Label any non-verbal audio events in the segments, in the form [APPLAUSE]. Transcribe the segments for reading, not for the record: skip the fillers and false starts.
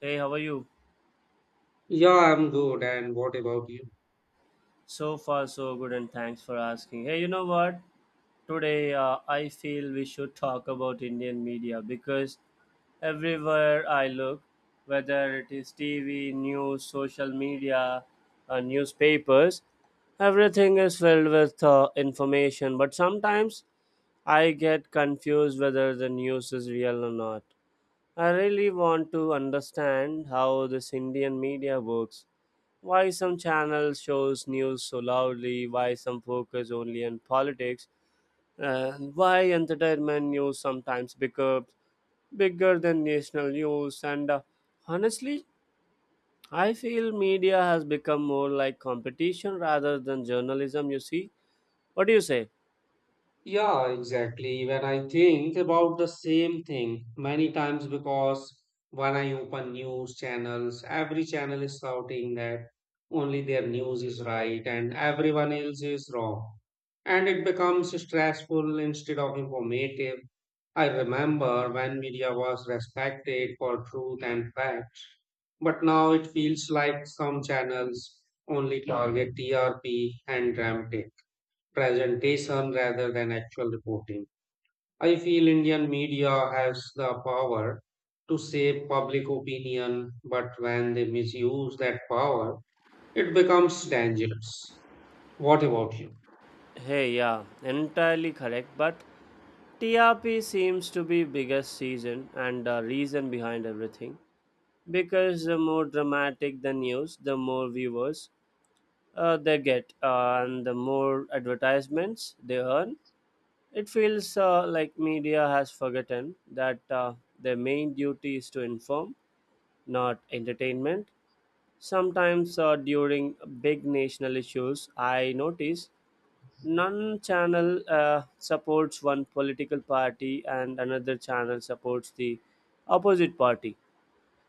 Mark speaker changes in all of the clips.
Speaker 1: Hey, how are you?
Speaker 2: Yeah, I'm good. And what about you?
Speaker 1: So far, so good, and thanks for asking. Hey, you know what? Today, I feel we should talk about Indian media because everywhere I look, whether it is TV, news, social media, newspapers, everything is filled with information. But sometimes I get confused whether the news is real or not. I really want to understand how this Indian media works. Why some channels shows news so loudly? Why some focus only on politics? And why entertainment news sometimes becomes bigger than national news? And honestly, I feel media has become more like competition rather than journalism. You see, what do you say?
Speaker 2: Yeah, exactly. When I think about the same thing many times because when I open news channels, every channel is shouting that only their news is right and everyone else is wrong. And it becomes stressful instead of informative. I remember when media was respected for truth and facts, but now it feels like some channels only target TRP and dramatics. Presentation rather than actual reporting. I feel Indian media has the power to shape public opinion, but when they misuse that power, it becomes dangerous. What about you?
Speaker 1: Hey, yeah, entirely correct. But TRP seems to be biggest season and reason behind everything, because the more dramatic the news, the more viewers they get, and the more advertisements they earn. It feels like media has forgotten that their main duty is to inform, not entertainment. Sometimes, during big national issues, I notice none channel supports one political party and another channel supports the opposite party.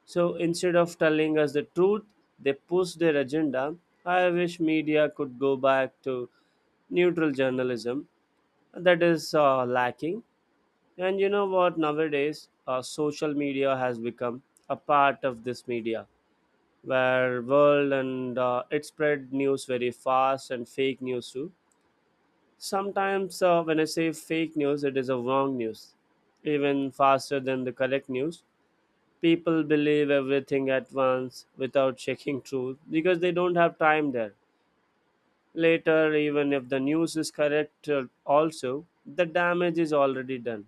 Speaker 1: So instead of telling us the truth, they push their agenda. I wish media could go back to neutral journalism. That is lacking. And you know what? Nowadays, social media has become a part of this media, where world and it spread news very fast, and fake news too. Sometimes, when I say fake news, it is a wrong news, even faster than the correct news. People believe everything at once without checking truth because they don't have time there. Later, even if the news is correct, also, the damage is already done.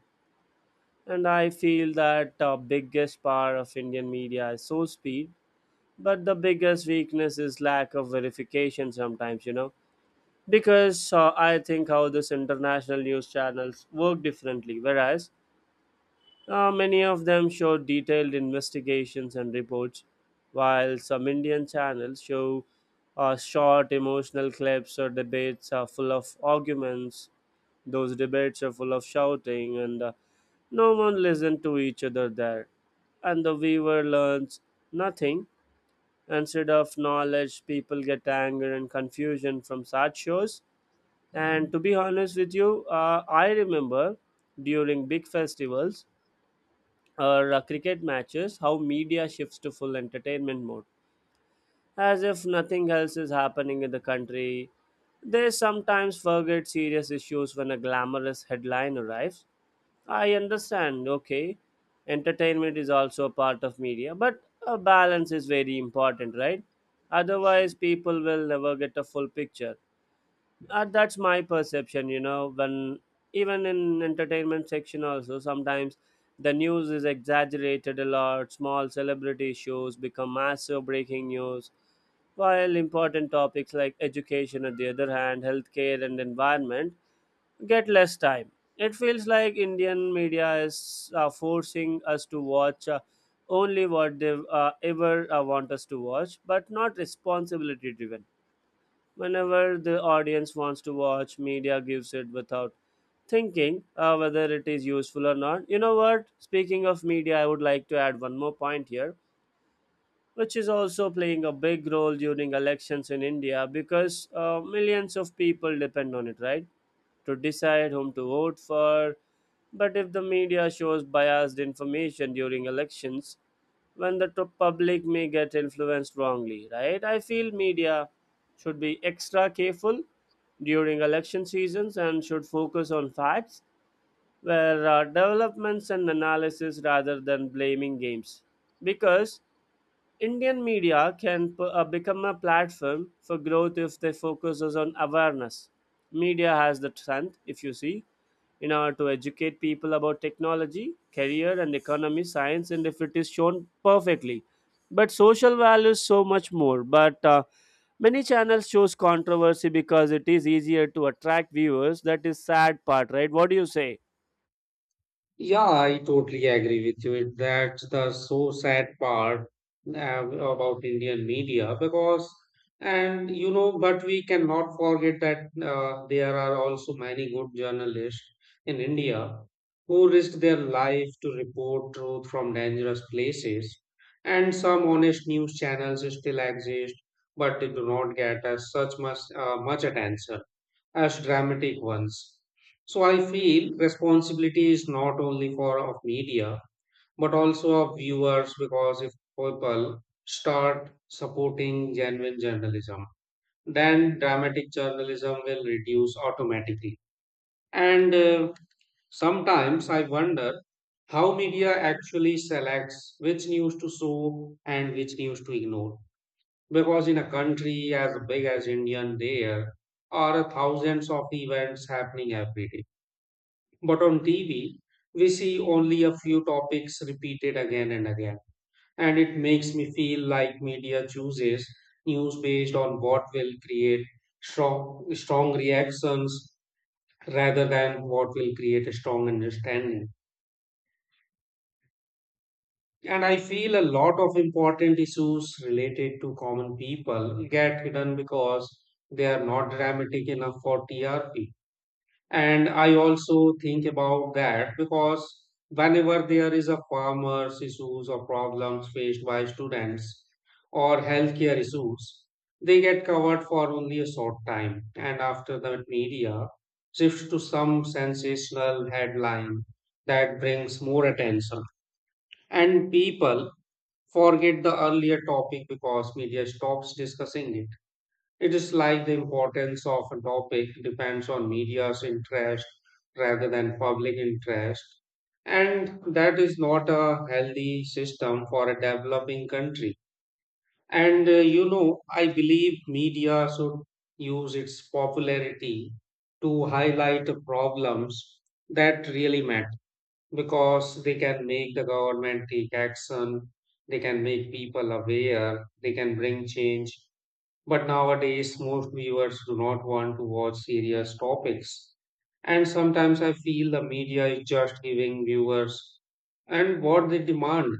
Speaker 1: And I feel that the biggest power of Indian media is so speed, but the biggest weakness is lack of verification sometimes, you know. Because I think how this international news channels work differently. Whereas many of them show detailed investigations and reports, while some Indian channels show short emotional clips or debates are full of arguments. Those debates are full of shouting, and no one listens to each other there. And the viewer learns nothing. Instead of knowledge, people get anger and confusion from such shows. And to be honest with you, I remember during big festivals, or cricket matches, how media shifts to full entertainment mode, as if nothing else is happening in the country. They sometimes forget serious issues when a glamorous headline arrives. I understand, okay, entertainment is also a part of media, but a balance is very important, right? Otherwise, people will never get a full picture. That's my perception, you know. When even in entertainment section also, sometimes the news is exaggerated a lot. Small celebrity shows become massive breaking news, while important topics like education, on the other hand, healthcare and environment, get less time. It feels like Indian media is forcing us to watch only what they ever want us to watch, but not responsibility driven. Whenever the audience wants to watch, media gives it without thinking whether it is useful or not. You know what? Speaking of media, I would like to add one more point here, which is also playing a big role during elections in India, because millions of people depend on it, right, to decide whom to vote for. But if the media shows biased information during elections, when public may get influenced wrongly, right? I feel media should be extra careful during election seasons and should focus on facts, were developments and analysis rather than blaming games. Because Indian media can become a platform for growth if they focuses on awareness. Media has the strength, if you see, in order to educate people about technology, career, and economy, science, and if it is shown perfectly. But social values so much more. But many channels choose controversy because it is easier to attract viewers. That is sad part, right? What do you say?
Speaker 2: Yeah, I totally agree with you. That's the so sad part about Indian media because, and you know, but we cannot forget that there are also many good journalists in India who risk their life to report truth from dangerous places. And some honest news channels still exist, but they do not get as such much attention as dramatic ones. So I feel responsibility is not only for of media but also of viewers because if people start supporting genuine journalism, then dramatic journalism will reduce automatically. And sometimes I wonder how media actually selects which news to show and which news to ignore because in a country as big as Indian, there are thousands of events happening every day. But on TV, we see only a few topics repeated again and again. And it makes me feel like media chooses news based on what will create strong reactions rather than what will create a strong understanding. And I feel a lot of important issues related to common people get hidden because they are not dramatic enough for TRP. And I also think about that because whenever there is a farmers issues or problems faced by students or healthcare issues, they get covered for only a short time. And after that media shifts to some sensational headline that brings more attention and people forget the earlier topic because media stops discussing it. It is like the importance of a topic depends on media's interest rather than public interest. And that is not a healthy system for a developing country. And you know, I believe media should use its popularity to highlight the problems that really matter because they can make the government take action, they can make people aware, they can bring change. But nowadays, most viewers do not want to watch serious topics. And sometimes I feel the media is just giving viewers and what they demand.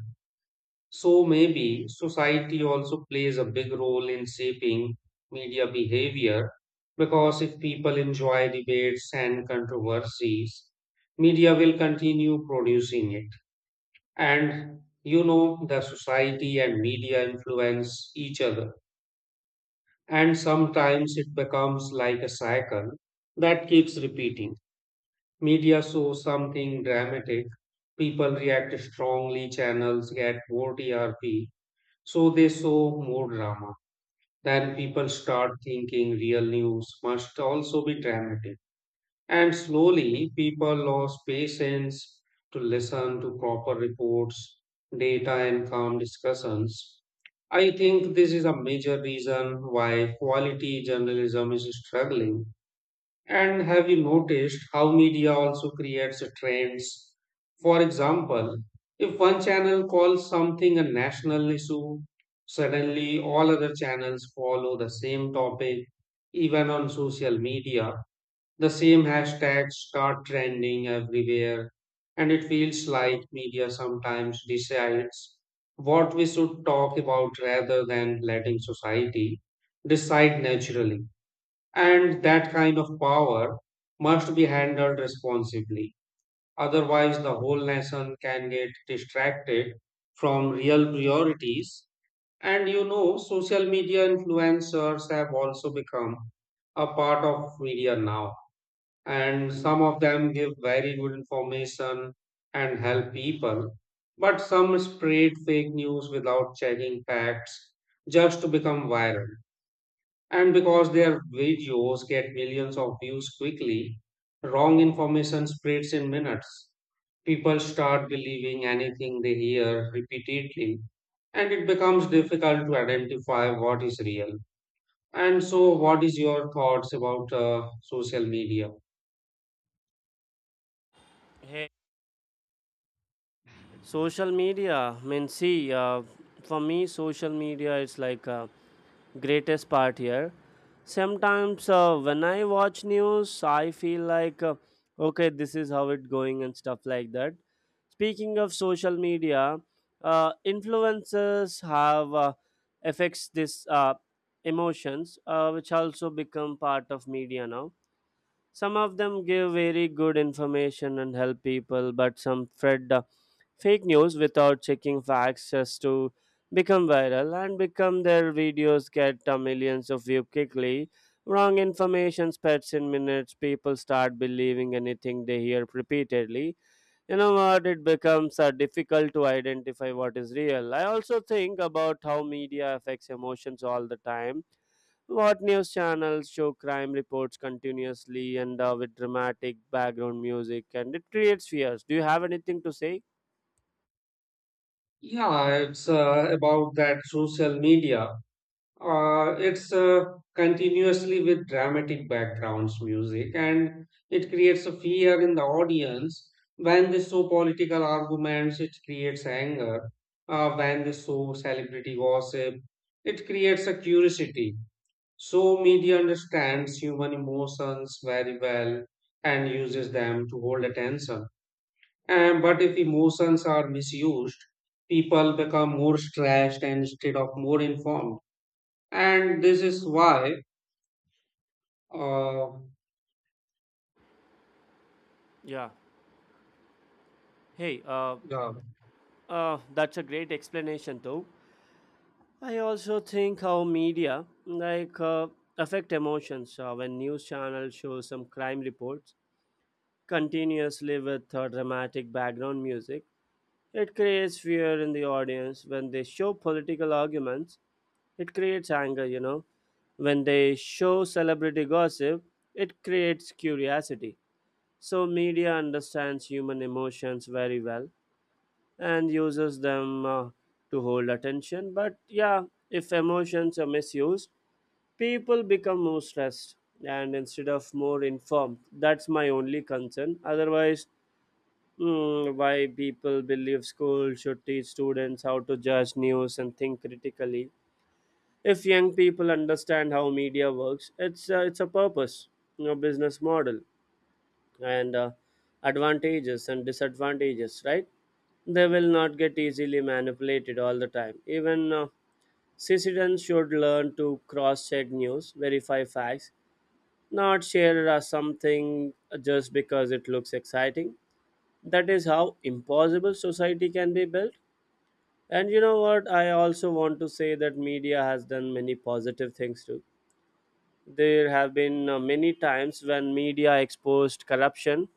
Speaker 2: So maybe society also plays a big role in shaping media behavior because if people enjoy debates and controversies, media will continue producing it, and you know the society and media influence each other, and sometimes it becomes like a cycle that keeps repeating. Media shows something dramatic, people react strongly, channels get more TRP, so they show more drama, then people start thinking real news must also be dramatic. And slowly, people lost patience to listen to proper reports, data, and calm discussions. I think this is a major reason why quality journalism is struggling. And have you noticed how media also creates trends? For example, if one channel calls something a national issue, suddenly all other channels follow the same topic, even on social media. The same hashtags start trending everywhere, and it feels like media sometimes decides what we should talk about rather than letting society decide naturally. And that kind of power must be handled responsibly. Otherwise, the whole nation can get distracted from real priorities. And you know, social media influencers have also become a part of media now, and some of them give very good information and help people, but some spread fake news without checking facts just to become viral. And because their videos get millions of views quickly, wrong information spreads in minutes. People start believing anything they hear repeatedly, and it becomes difficult to identify what is real. And so, what is your thoughts about social media?
Speaker 1: Hey, social media, I mean, see, for me social media is like a greatest part here. Sometimes when I watch news, I feel like okay, this is how it going and stuff like that. Speaking of social media, influencers have affects this emotions, which also become part of media now. Some of them give very good information and help people, but some fred fake news without checking facts just to become viral, and become their videos get millions of views quickly. Wrong information spreads in minutes. People start believing anything they hear repeatedly. You know what? It becomes difficult to identify what is real. I also think about how media affects emotions all the time. What news channels show crime reports continuously and with dramatic background music, and it creates fears. Do you have anything to say?
Speaker 2: Yeah, it's about that social media. It's continuously with dramatic backgrounds music, and it creates a fear in the audience. When they show political arguments, it creates anger. When they show celebrity gossip, it creates a curiosity. So media understands human emotions very well and uses them to hold attention. And but if emotions are misused, people become more stressed instead of more informed. And this is why, uh,
Speaker 1: Yeah. Hey,
Speaker 2: yeah,
Speaker 1: that's a great explanation though. I also think how media like affect emotions when news channels show some crime reports continuously with dramatic background music. It creates fear in the audience when they show political arguments. It creates anger, you know. When they show celebrity gossip, it creates curiosity. So media understands human emotions very well and uses them to hold attention. But yeah, if emotions are misused, people become more stressed and instead of more informed. That's my only concern. Otherwise, why people believe school should teach students how to judge news and think critically? If young people understand how media works, it's a purpose, you know, business model, and advantages and disadvantages, right? They will not get easily manipulated all the time. Even citizens should learn to cross check news, verify facts, not share something just because it looks exciting. That is how impossible society can be built. And you know what? I also want to say that media has done many positive things too. There have been many times when media exposed corruption,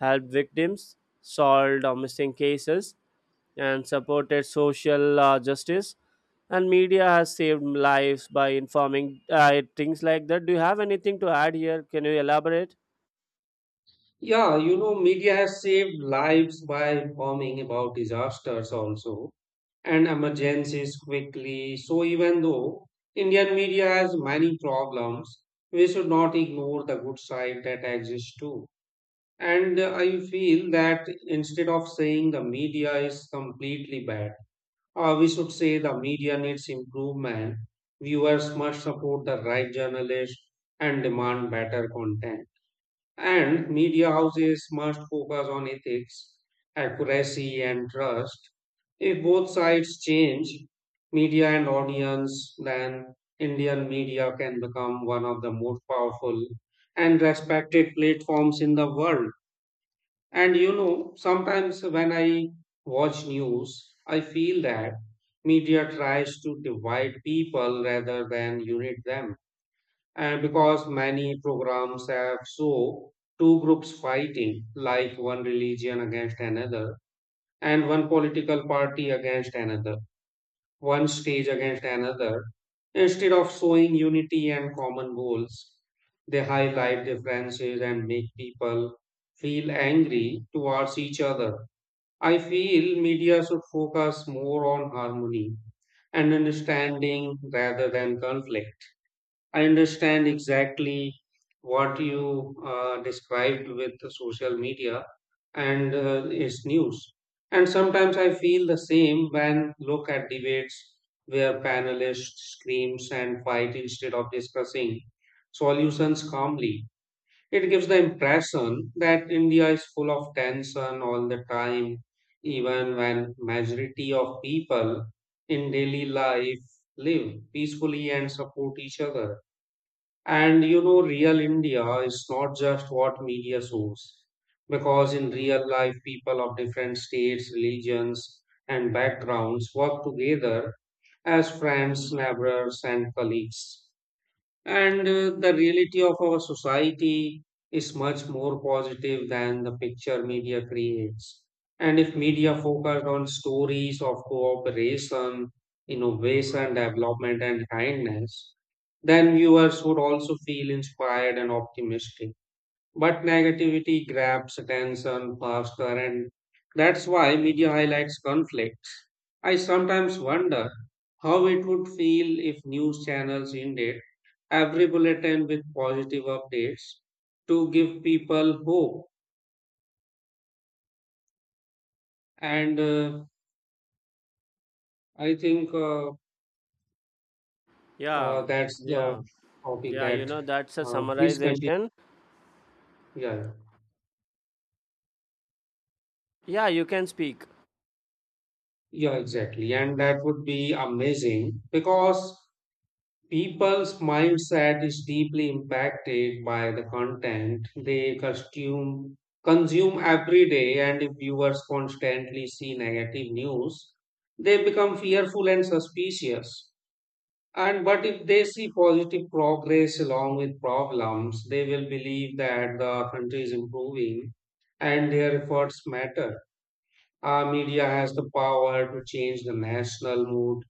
Speaker 1: helped victims, solved missing cases, and supported social justice, and media has saved lives by informing things like that. Do you have anything to add here? Can you elaborate?
Speaker 2: yeah, you know, media has saved lives by informing about disasters also and emergencies quickly. So even though Indian media has many problems, we should not ignore the good side that exists too. And I feel that instead of saying the media is completely bad, we should say the media needs improvement. Viewers must support the right journalists and demand better content. And media houses must focus on ethics, accuracy, and trust. If both sides change, media and audience, then Indian media can become one of the most powerful and respected platforms in the world. And you know, sometimes when I watch news, I feel that media tries to divide people rather than unite them. And because many programs have so two groups fighting, like one religion against another, and one political party against another, one stage against another, instead of showing unity and common goals, they highlight differences and make people feel angry towards each other. I feel media should focus more on harmony and understanding rather than conflict. I understand exactly what you described with the social media and its news. And sometimes I feel the same when look at debates where panelists screams and fight instead of discussing solutions calmly. It gives the impression that India is full of tension all the time, even when majority of people in daily life live peacefully and support each other. And you know, real India is not just what media shows, because in real life, people of different states, religions, and backgrounds work together as friends, neighbors, and colleagues. And the reality of our society is much more positive than the picture media creates. And if media focused on stories of cooperation, innovation, development, and kindness, then viewers would also feel inspired and optimistic. But negativity grabs attention faster, and that's why media highlights conflicts. I sometimes wonder how it would feel if news channels ended every bulletin with positive updates to give people hope. And I think
Speaker 1: Yeah,
Speaker 2: that's the
Speaker 1: yeah.
Speaker 2: topic
Speaker 1: Yeah, you
Speaker 2: that
Speaker 1: know, that's a
Speaker 2: Please continue.
Speaker 1: summarization.
Speaker 2: Yeah,
Speaker 1: Yeah, you can speak.
Speaker 2: yeah, exactly. And that would be amazing because people's mindset is deeply impacted by the content they consume every day. And if viewers constantly see negative news, they become fearful and suspicious. And but if they see positive progress along with problems, they will believe that the country is improving and their efforts matter. Our media has the power to change the national mood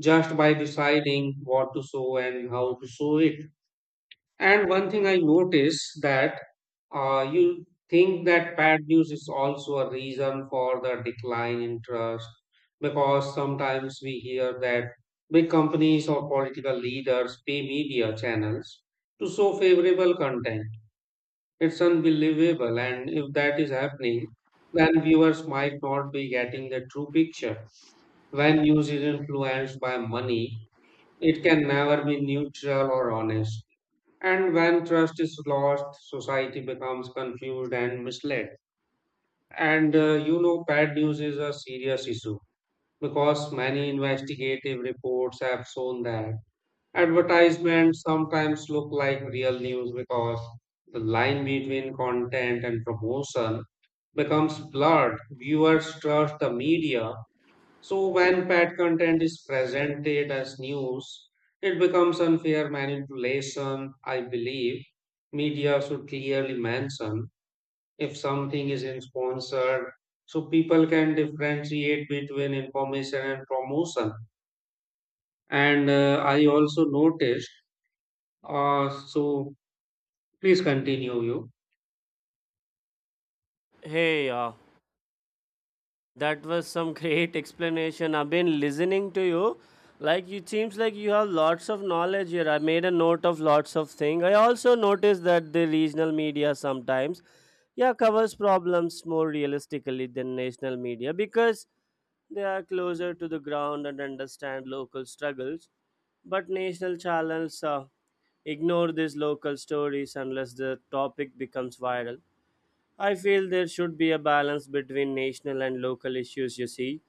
Speaker 2: just by deciding what to show and how to show it. And one thing I notice that you think that bad news is also a reason for the decline in trust because sometimes we hear that big companies or political leaders pay media channels to show favorable content. It's unbelievable, and if that is happening, then viewers might not be getting the true picture. When news is influenced by money, it can never be neutral or honest. And when trust is lost, society becomes confused and misled. And you know, bad news is a serious issue because many investigative reports have shown that advertisements sometimes look like real news because the line between content and promotion becomes blurred. Viewers trust the media, so when paid content is presented as news, it becomes unfair manipulation. I believe media should clearly mention if something is in sponsored so people can differentiate between information and promotion. And I also noticed, so Please continue you.
Speaker 1: Hey, that was some [LAUGHS] great explanation. I've been listening to you. Like, it seems like you have lots of knowledge here. I made a note of lots of things. I also noticed that the regional media sometimes, yeah, covers problems more realistically than national media because they are closer to the ground and understand local struggles. But national channels ignore these local stories unless the topic becomes viral. I feel there should be a balance between national and local issues, you see,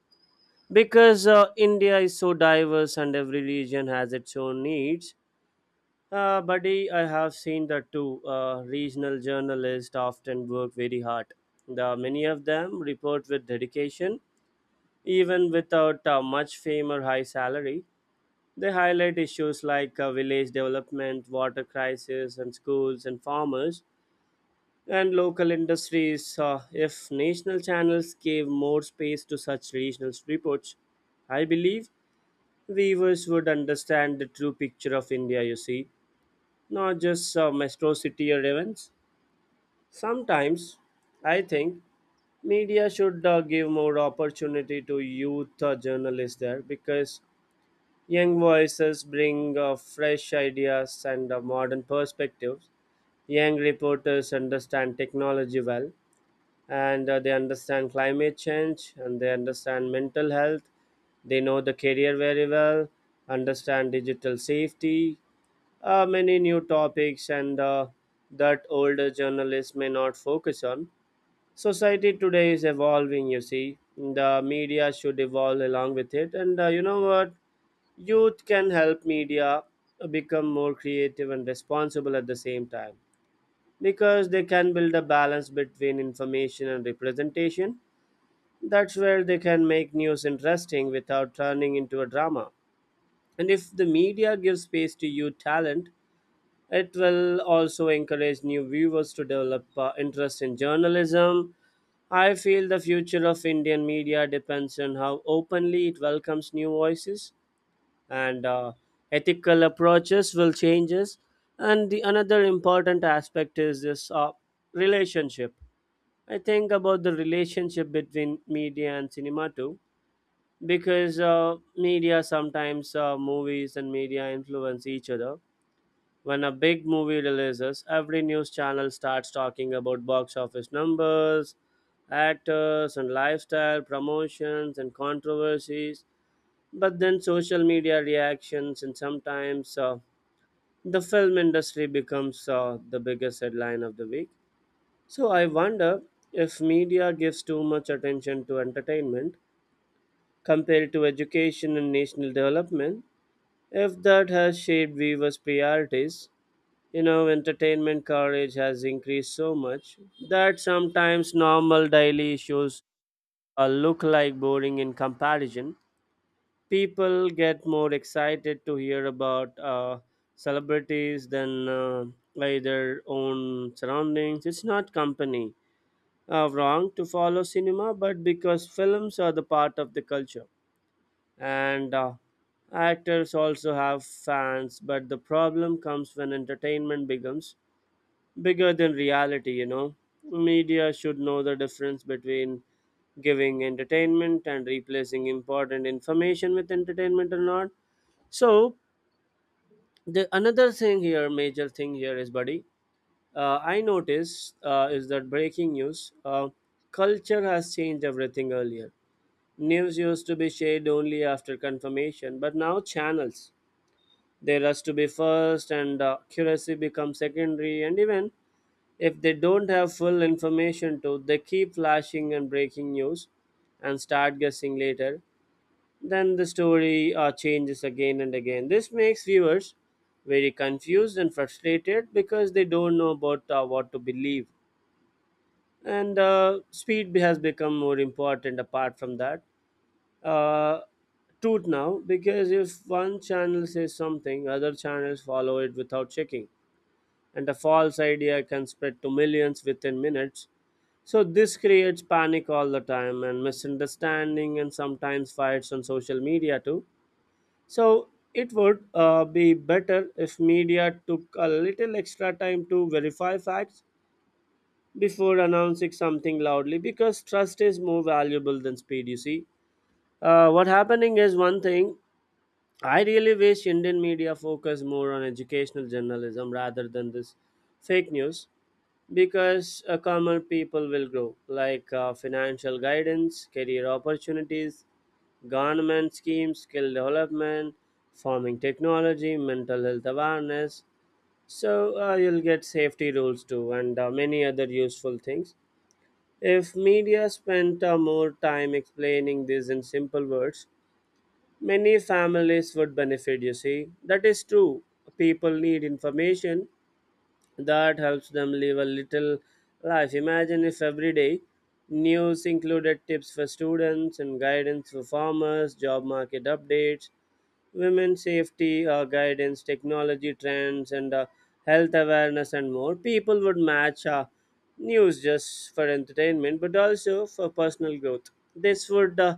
Speaker 1: because India is so diverse and every region has its own needs. Buddy, I have seen that too. Regional journalists often work very hard. The Many of them report with dedication, even without much fame or high salary. They highlight issues like village development, water crisis, and schools, and farmers, and local industries. If national channels gave more space to such regional reports, I believe viewers would understand the true picture of India, you see, not just metro city or events. Sometimes, I think media should give more opportunity to youth journalists there, because young voices bring fresh ideas and modern perspectives. Young reporters understand technology well, and they understand climate change, and they understand mental health. They know the career very well, understand digital safety, many new topics, and that older journalists may not focus on. Society today is evolving, you see. The media should evolve along with it. And you know what? Youth can help media become more creative and responsible at the same time, because they can build a balance between information and representation. That's where they can make news interesting without turning into a drama. And if the media gives space to youth talent, it will also encourage new viewers to develop interest in journalism. I feel the future of Indian media depends on how openly it welcomes new voices and ethical approaches will changes. And the another important aspect is this relationship. I think about the relationship between media and cinema too, because media sometimes, movies and media influence each other. When a big movie releases, every news channel starts talking about box office numbers, actors, and lifestyle, promotions, and controversies. But then social media reactions, and sometimes the film industry becomes the biggest headline of the week. So I wonder if media gives too much attention to entertainment compared to education and national development, if that has shaped viewers' priorities. You know, entertainment coverage has increased so much that sometimes normal daily issues look like boring in comparison. People get more excited to hear about celebrities than like their own surroundings. It's not company wrong to follow cinema, but because films are the part of the culture, and actors also have fans. But the problem comes when entertainment becomes bigger than reality, you know. Media should know the difference between giving entertainment and replacing important information with entertainment or not. So, the another thing here, major thing here is, buddy, I noticed is that breaking news, culture has changed everything earlier. News used to be shared only after confirmation, but now channels. They rush to be first, and accuracy becomes secondary. And even if they don't have full information too, they keep flashing and breaking news and start guessing later. Then the story changes again and again. This makes viewers very confused and frustrated because they don't know about what to believe. And has become more important apart from that. Uh, Truth now, because if one channel says something, other channels follow it without checking. And a false idea can spread to millions within minutes, so this creates panic all the time and misunderstanding and sometimes fights on social media too. So it would be better if media took a little extra time to verify facts before announcing something loudly, because trust is more valuable than speed, you see. What happening is one thing. I really wish Indian media focus more on educational journalism rather than this fake news, because calmer people will grow, like financial guidance, career opportunities, government schemes, skill development, farming technology, mental health awareness. So you'll get safety rules too, and many other useful things. If media spent more time explaining this in simple words, many families would benefit. You see, that is true. People need information that helps them live a little life. Imagine if every day news included tips for students and guidance for farmers, job market updates, women safety guidance, technology trends, and health awareness, and more. People would match news just for entertainment but also for personal growth. This would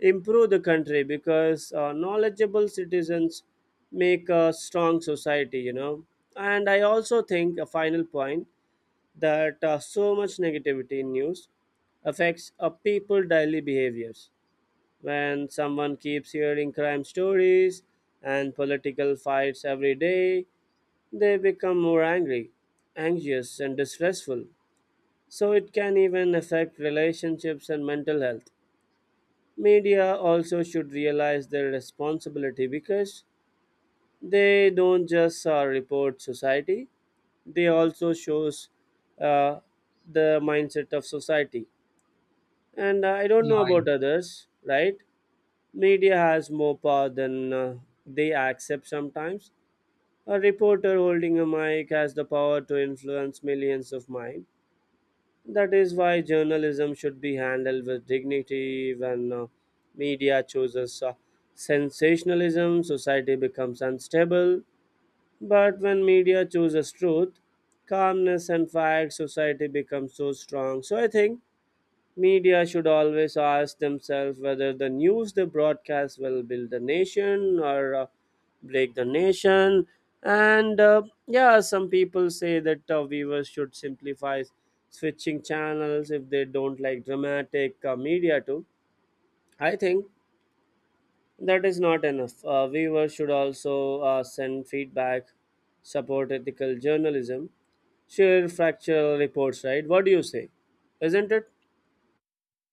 Speaker 1: improve the country because knowledgeable citizens make a strong society, you know. And I also think a final point that so much negativity in news affects a people daily behaviors. When someone keeps hearing crime stories and political fights every day, they become more angry, anxious, and distressful. So it can even affect relationships and mental health. Media also should realize their responsibility, because they don't just report society, they also shows uh, the mindset of society. And I don't know
Speaker 2: Yeah,
Speaker 1: about others, right? Media has more power than they accept sometimes. A reporter holding a mic has the power to influence millions of minds. That is why journalism should be handled with dignity. When media chooses sensationalism, society becomes unstable. But when media chooses truth, calmness, and facts, society becomes so strong. So I think media should always ask themselves whether the news they broadcast will build the nation or break the nation. And Yeah, some people say that viewers should simplify switching channels if they don't like dramatic media too. I think that is not enough. Viewers should also send feedback, support ethical journalism, share factual reports, right? What do you say? Isn't it?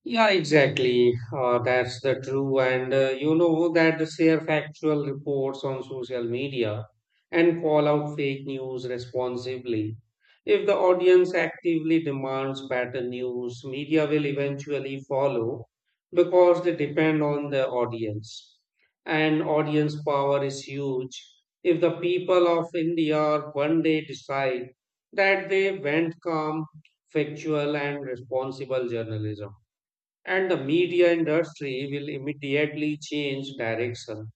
Speaker 2: Yeah, exactly. That's the true. And you know that share factual reports on social media and call out fake news responsibly. If the audience actively demands better news, media will eventually follow because they depend on the audience. And audience power is huge. If the people of India one day decide that they want calm, factual, and responsible journalism, and the media industry will immediately change direction.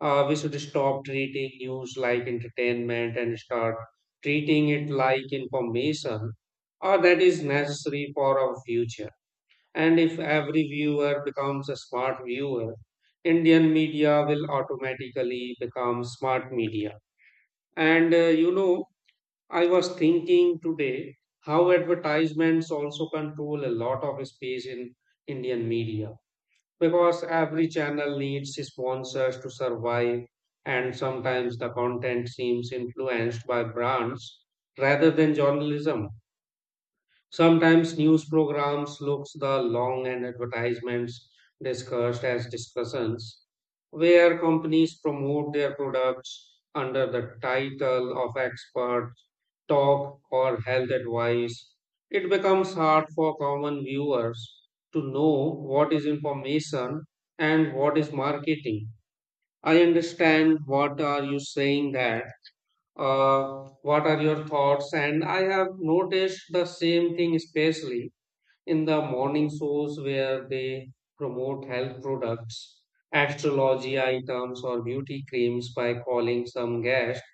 Speaker 2: We should stop treating news like entertainment and start treating it like information that is necessary for our future. And if every viewer becomes a smart viewer, Indian media will automatically become smart media. And you know, I was thinking today how advertisements also control a lot of space in Indian media because every channel needs sponsors to survive, and sometimes the content seems influenced by brands rather than journalism. Sometimes news programs looks the long and advertisements discussed as discussions, where companies promote their products under the title of expert talk or health advice. It becomes hard for common viewers to know what is information and what is marketing. I understand what are you saying that what are your thoughts, and I have noticed the same thing especially in the morning shows where they promote health products, astrology items, or beauty creams by calling some guests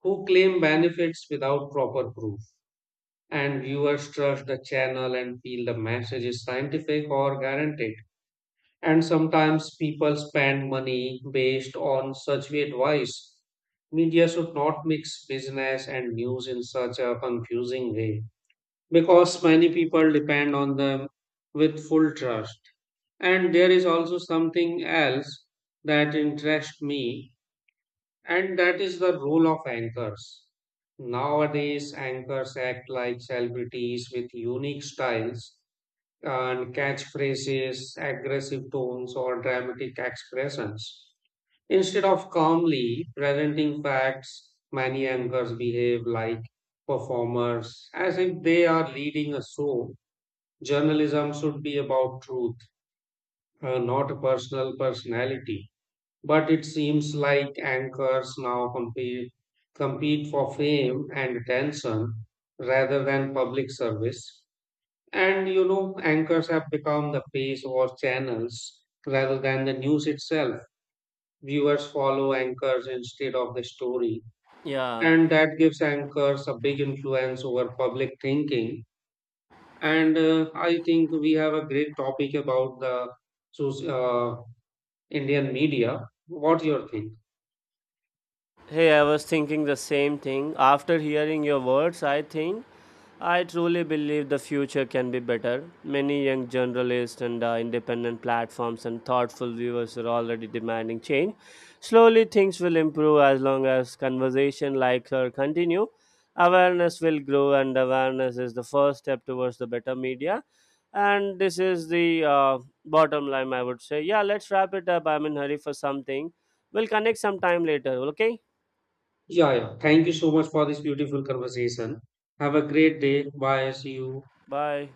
Speaker 2: who claim benefits without proper proof. And viewers trust the channel and feel the message is scientific or guaranteed. And sometimes people spend money based on such advice. Media should not mix business and news in such a confusing way because many people depend on them with full trust. And there is also something else that interests me, and that is the role of anchors. Nowadays, anchors act like celebrities with unique styles and catchphrases, aggressive tones, or dramatic expressions. Instead of calmly presenting facts, many anchors behave like performers, as if they are leading a show. Journalism should be about truth, not personality, but it seems like anchors now compete for fame and attention rather than public service. And you know, anchors have become the face or channels rather than the news itself. Viewers follow anchors instead of the story,
Speaker 1: Yeah.
Speaker 2: and that gives anchors a big influence over public thinking. And I think we have a great topic about the soc- uh, Indian media. What you think?
Speaker 1: Hey, I was thinking the same thing. After hearing your words, I think I truly believe the future can be better. Many young journalists and independent platforms and thoughtful viewers are already demanding change. Slowly, things will improve as long as conversation like her continue. Awareness will grow, and awareness is the first step towards the better media. And this is the bottom line, I would say. Yeah, let's wrap it up. I'm in hurry for something. We'll connect sometime later. Okay.
Speaker 2: Yeah, yeah. Thank you so much for this beautiful conversation. Have a great day. Bye. See you.
Speaker 1: Bye.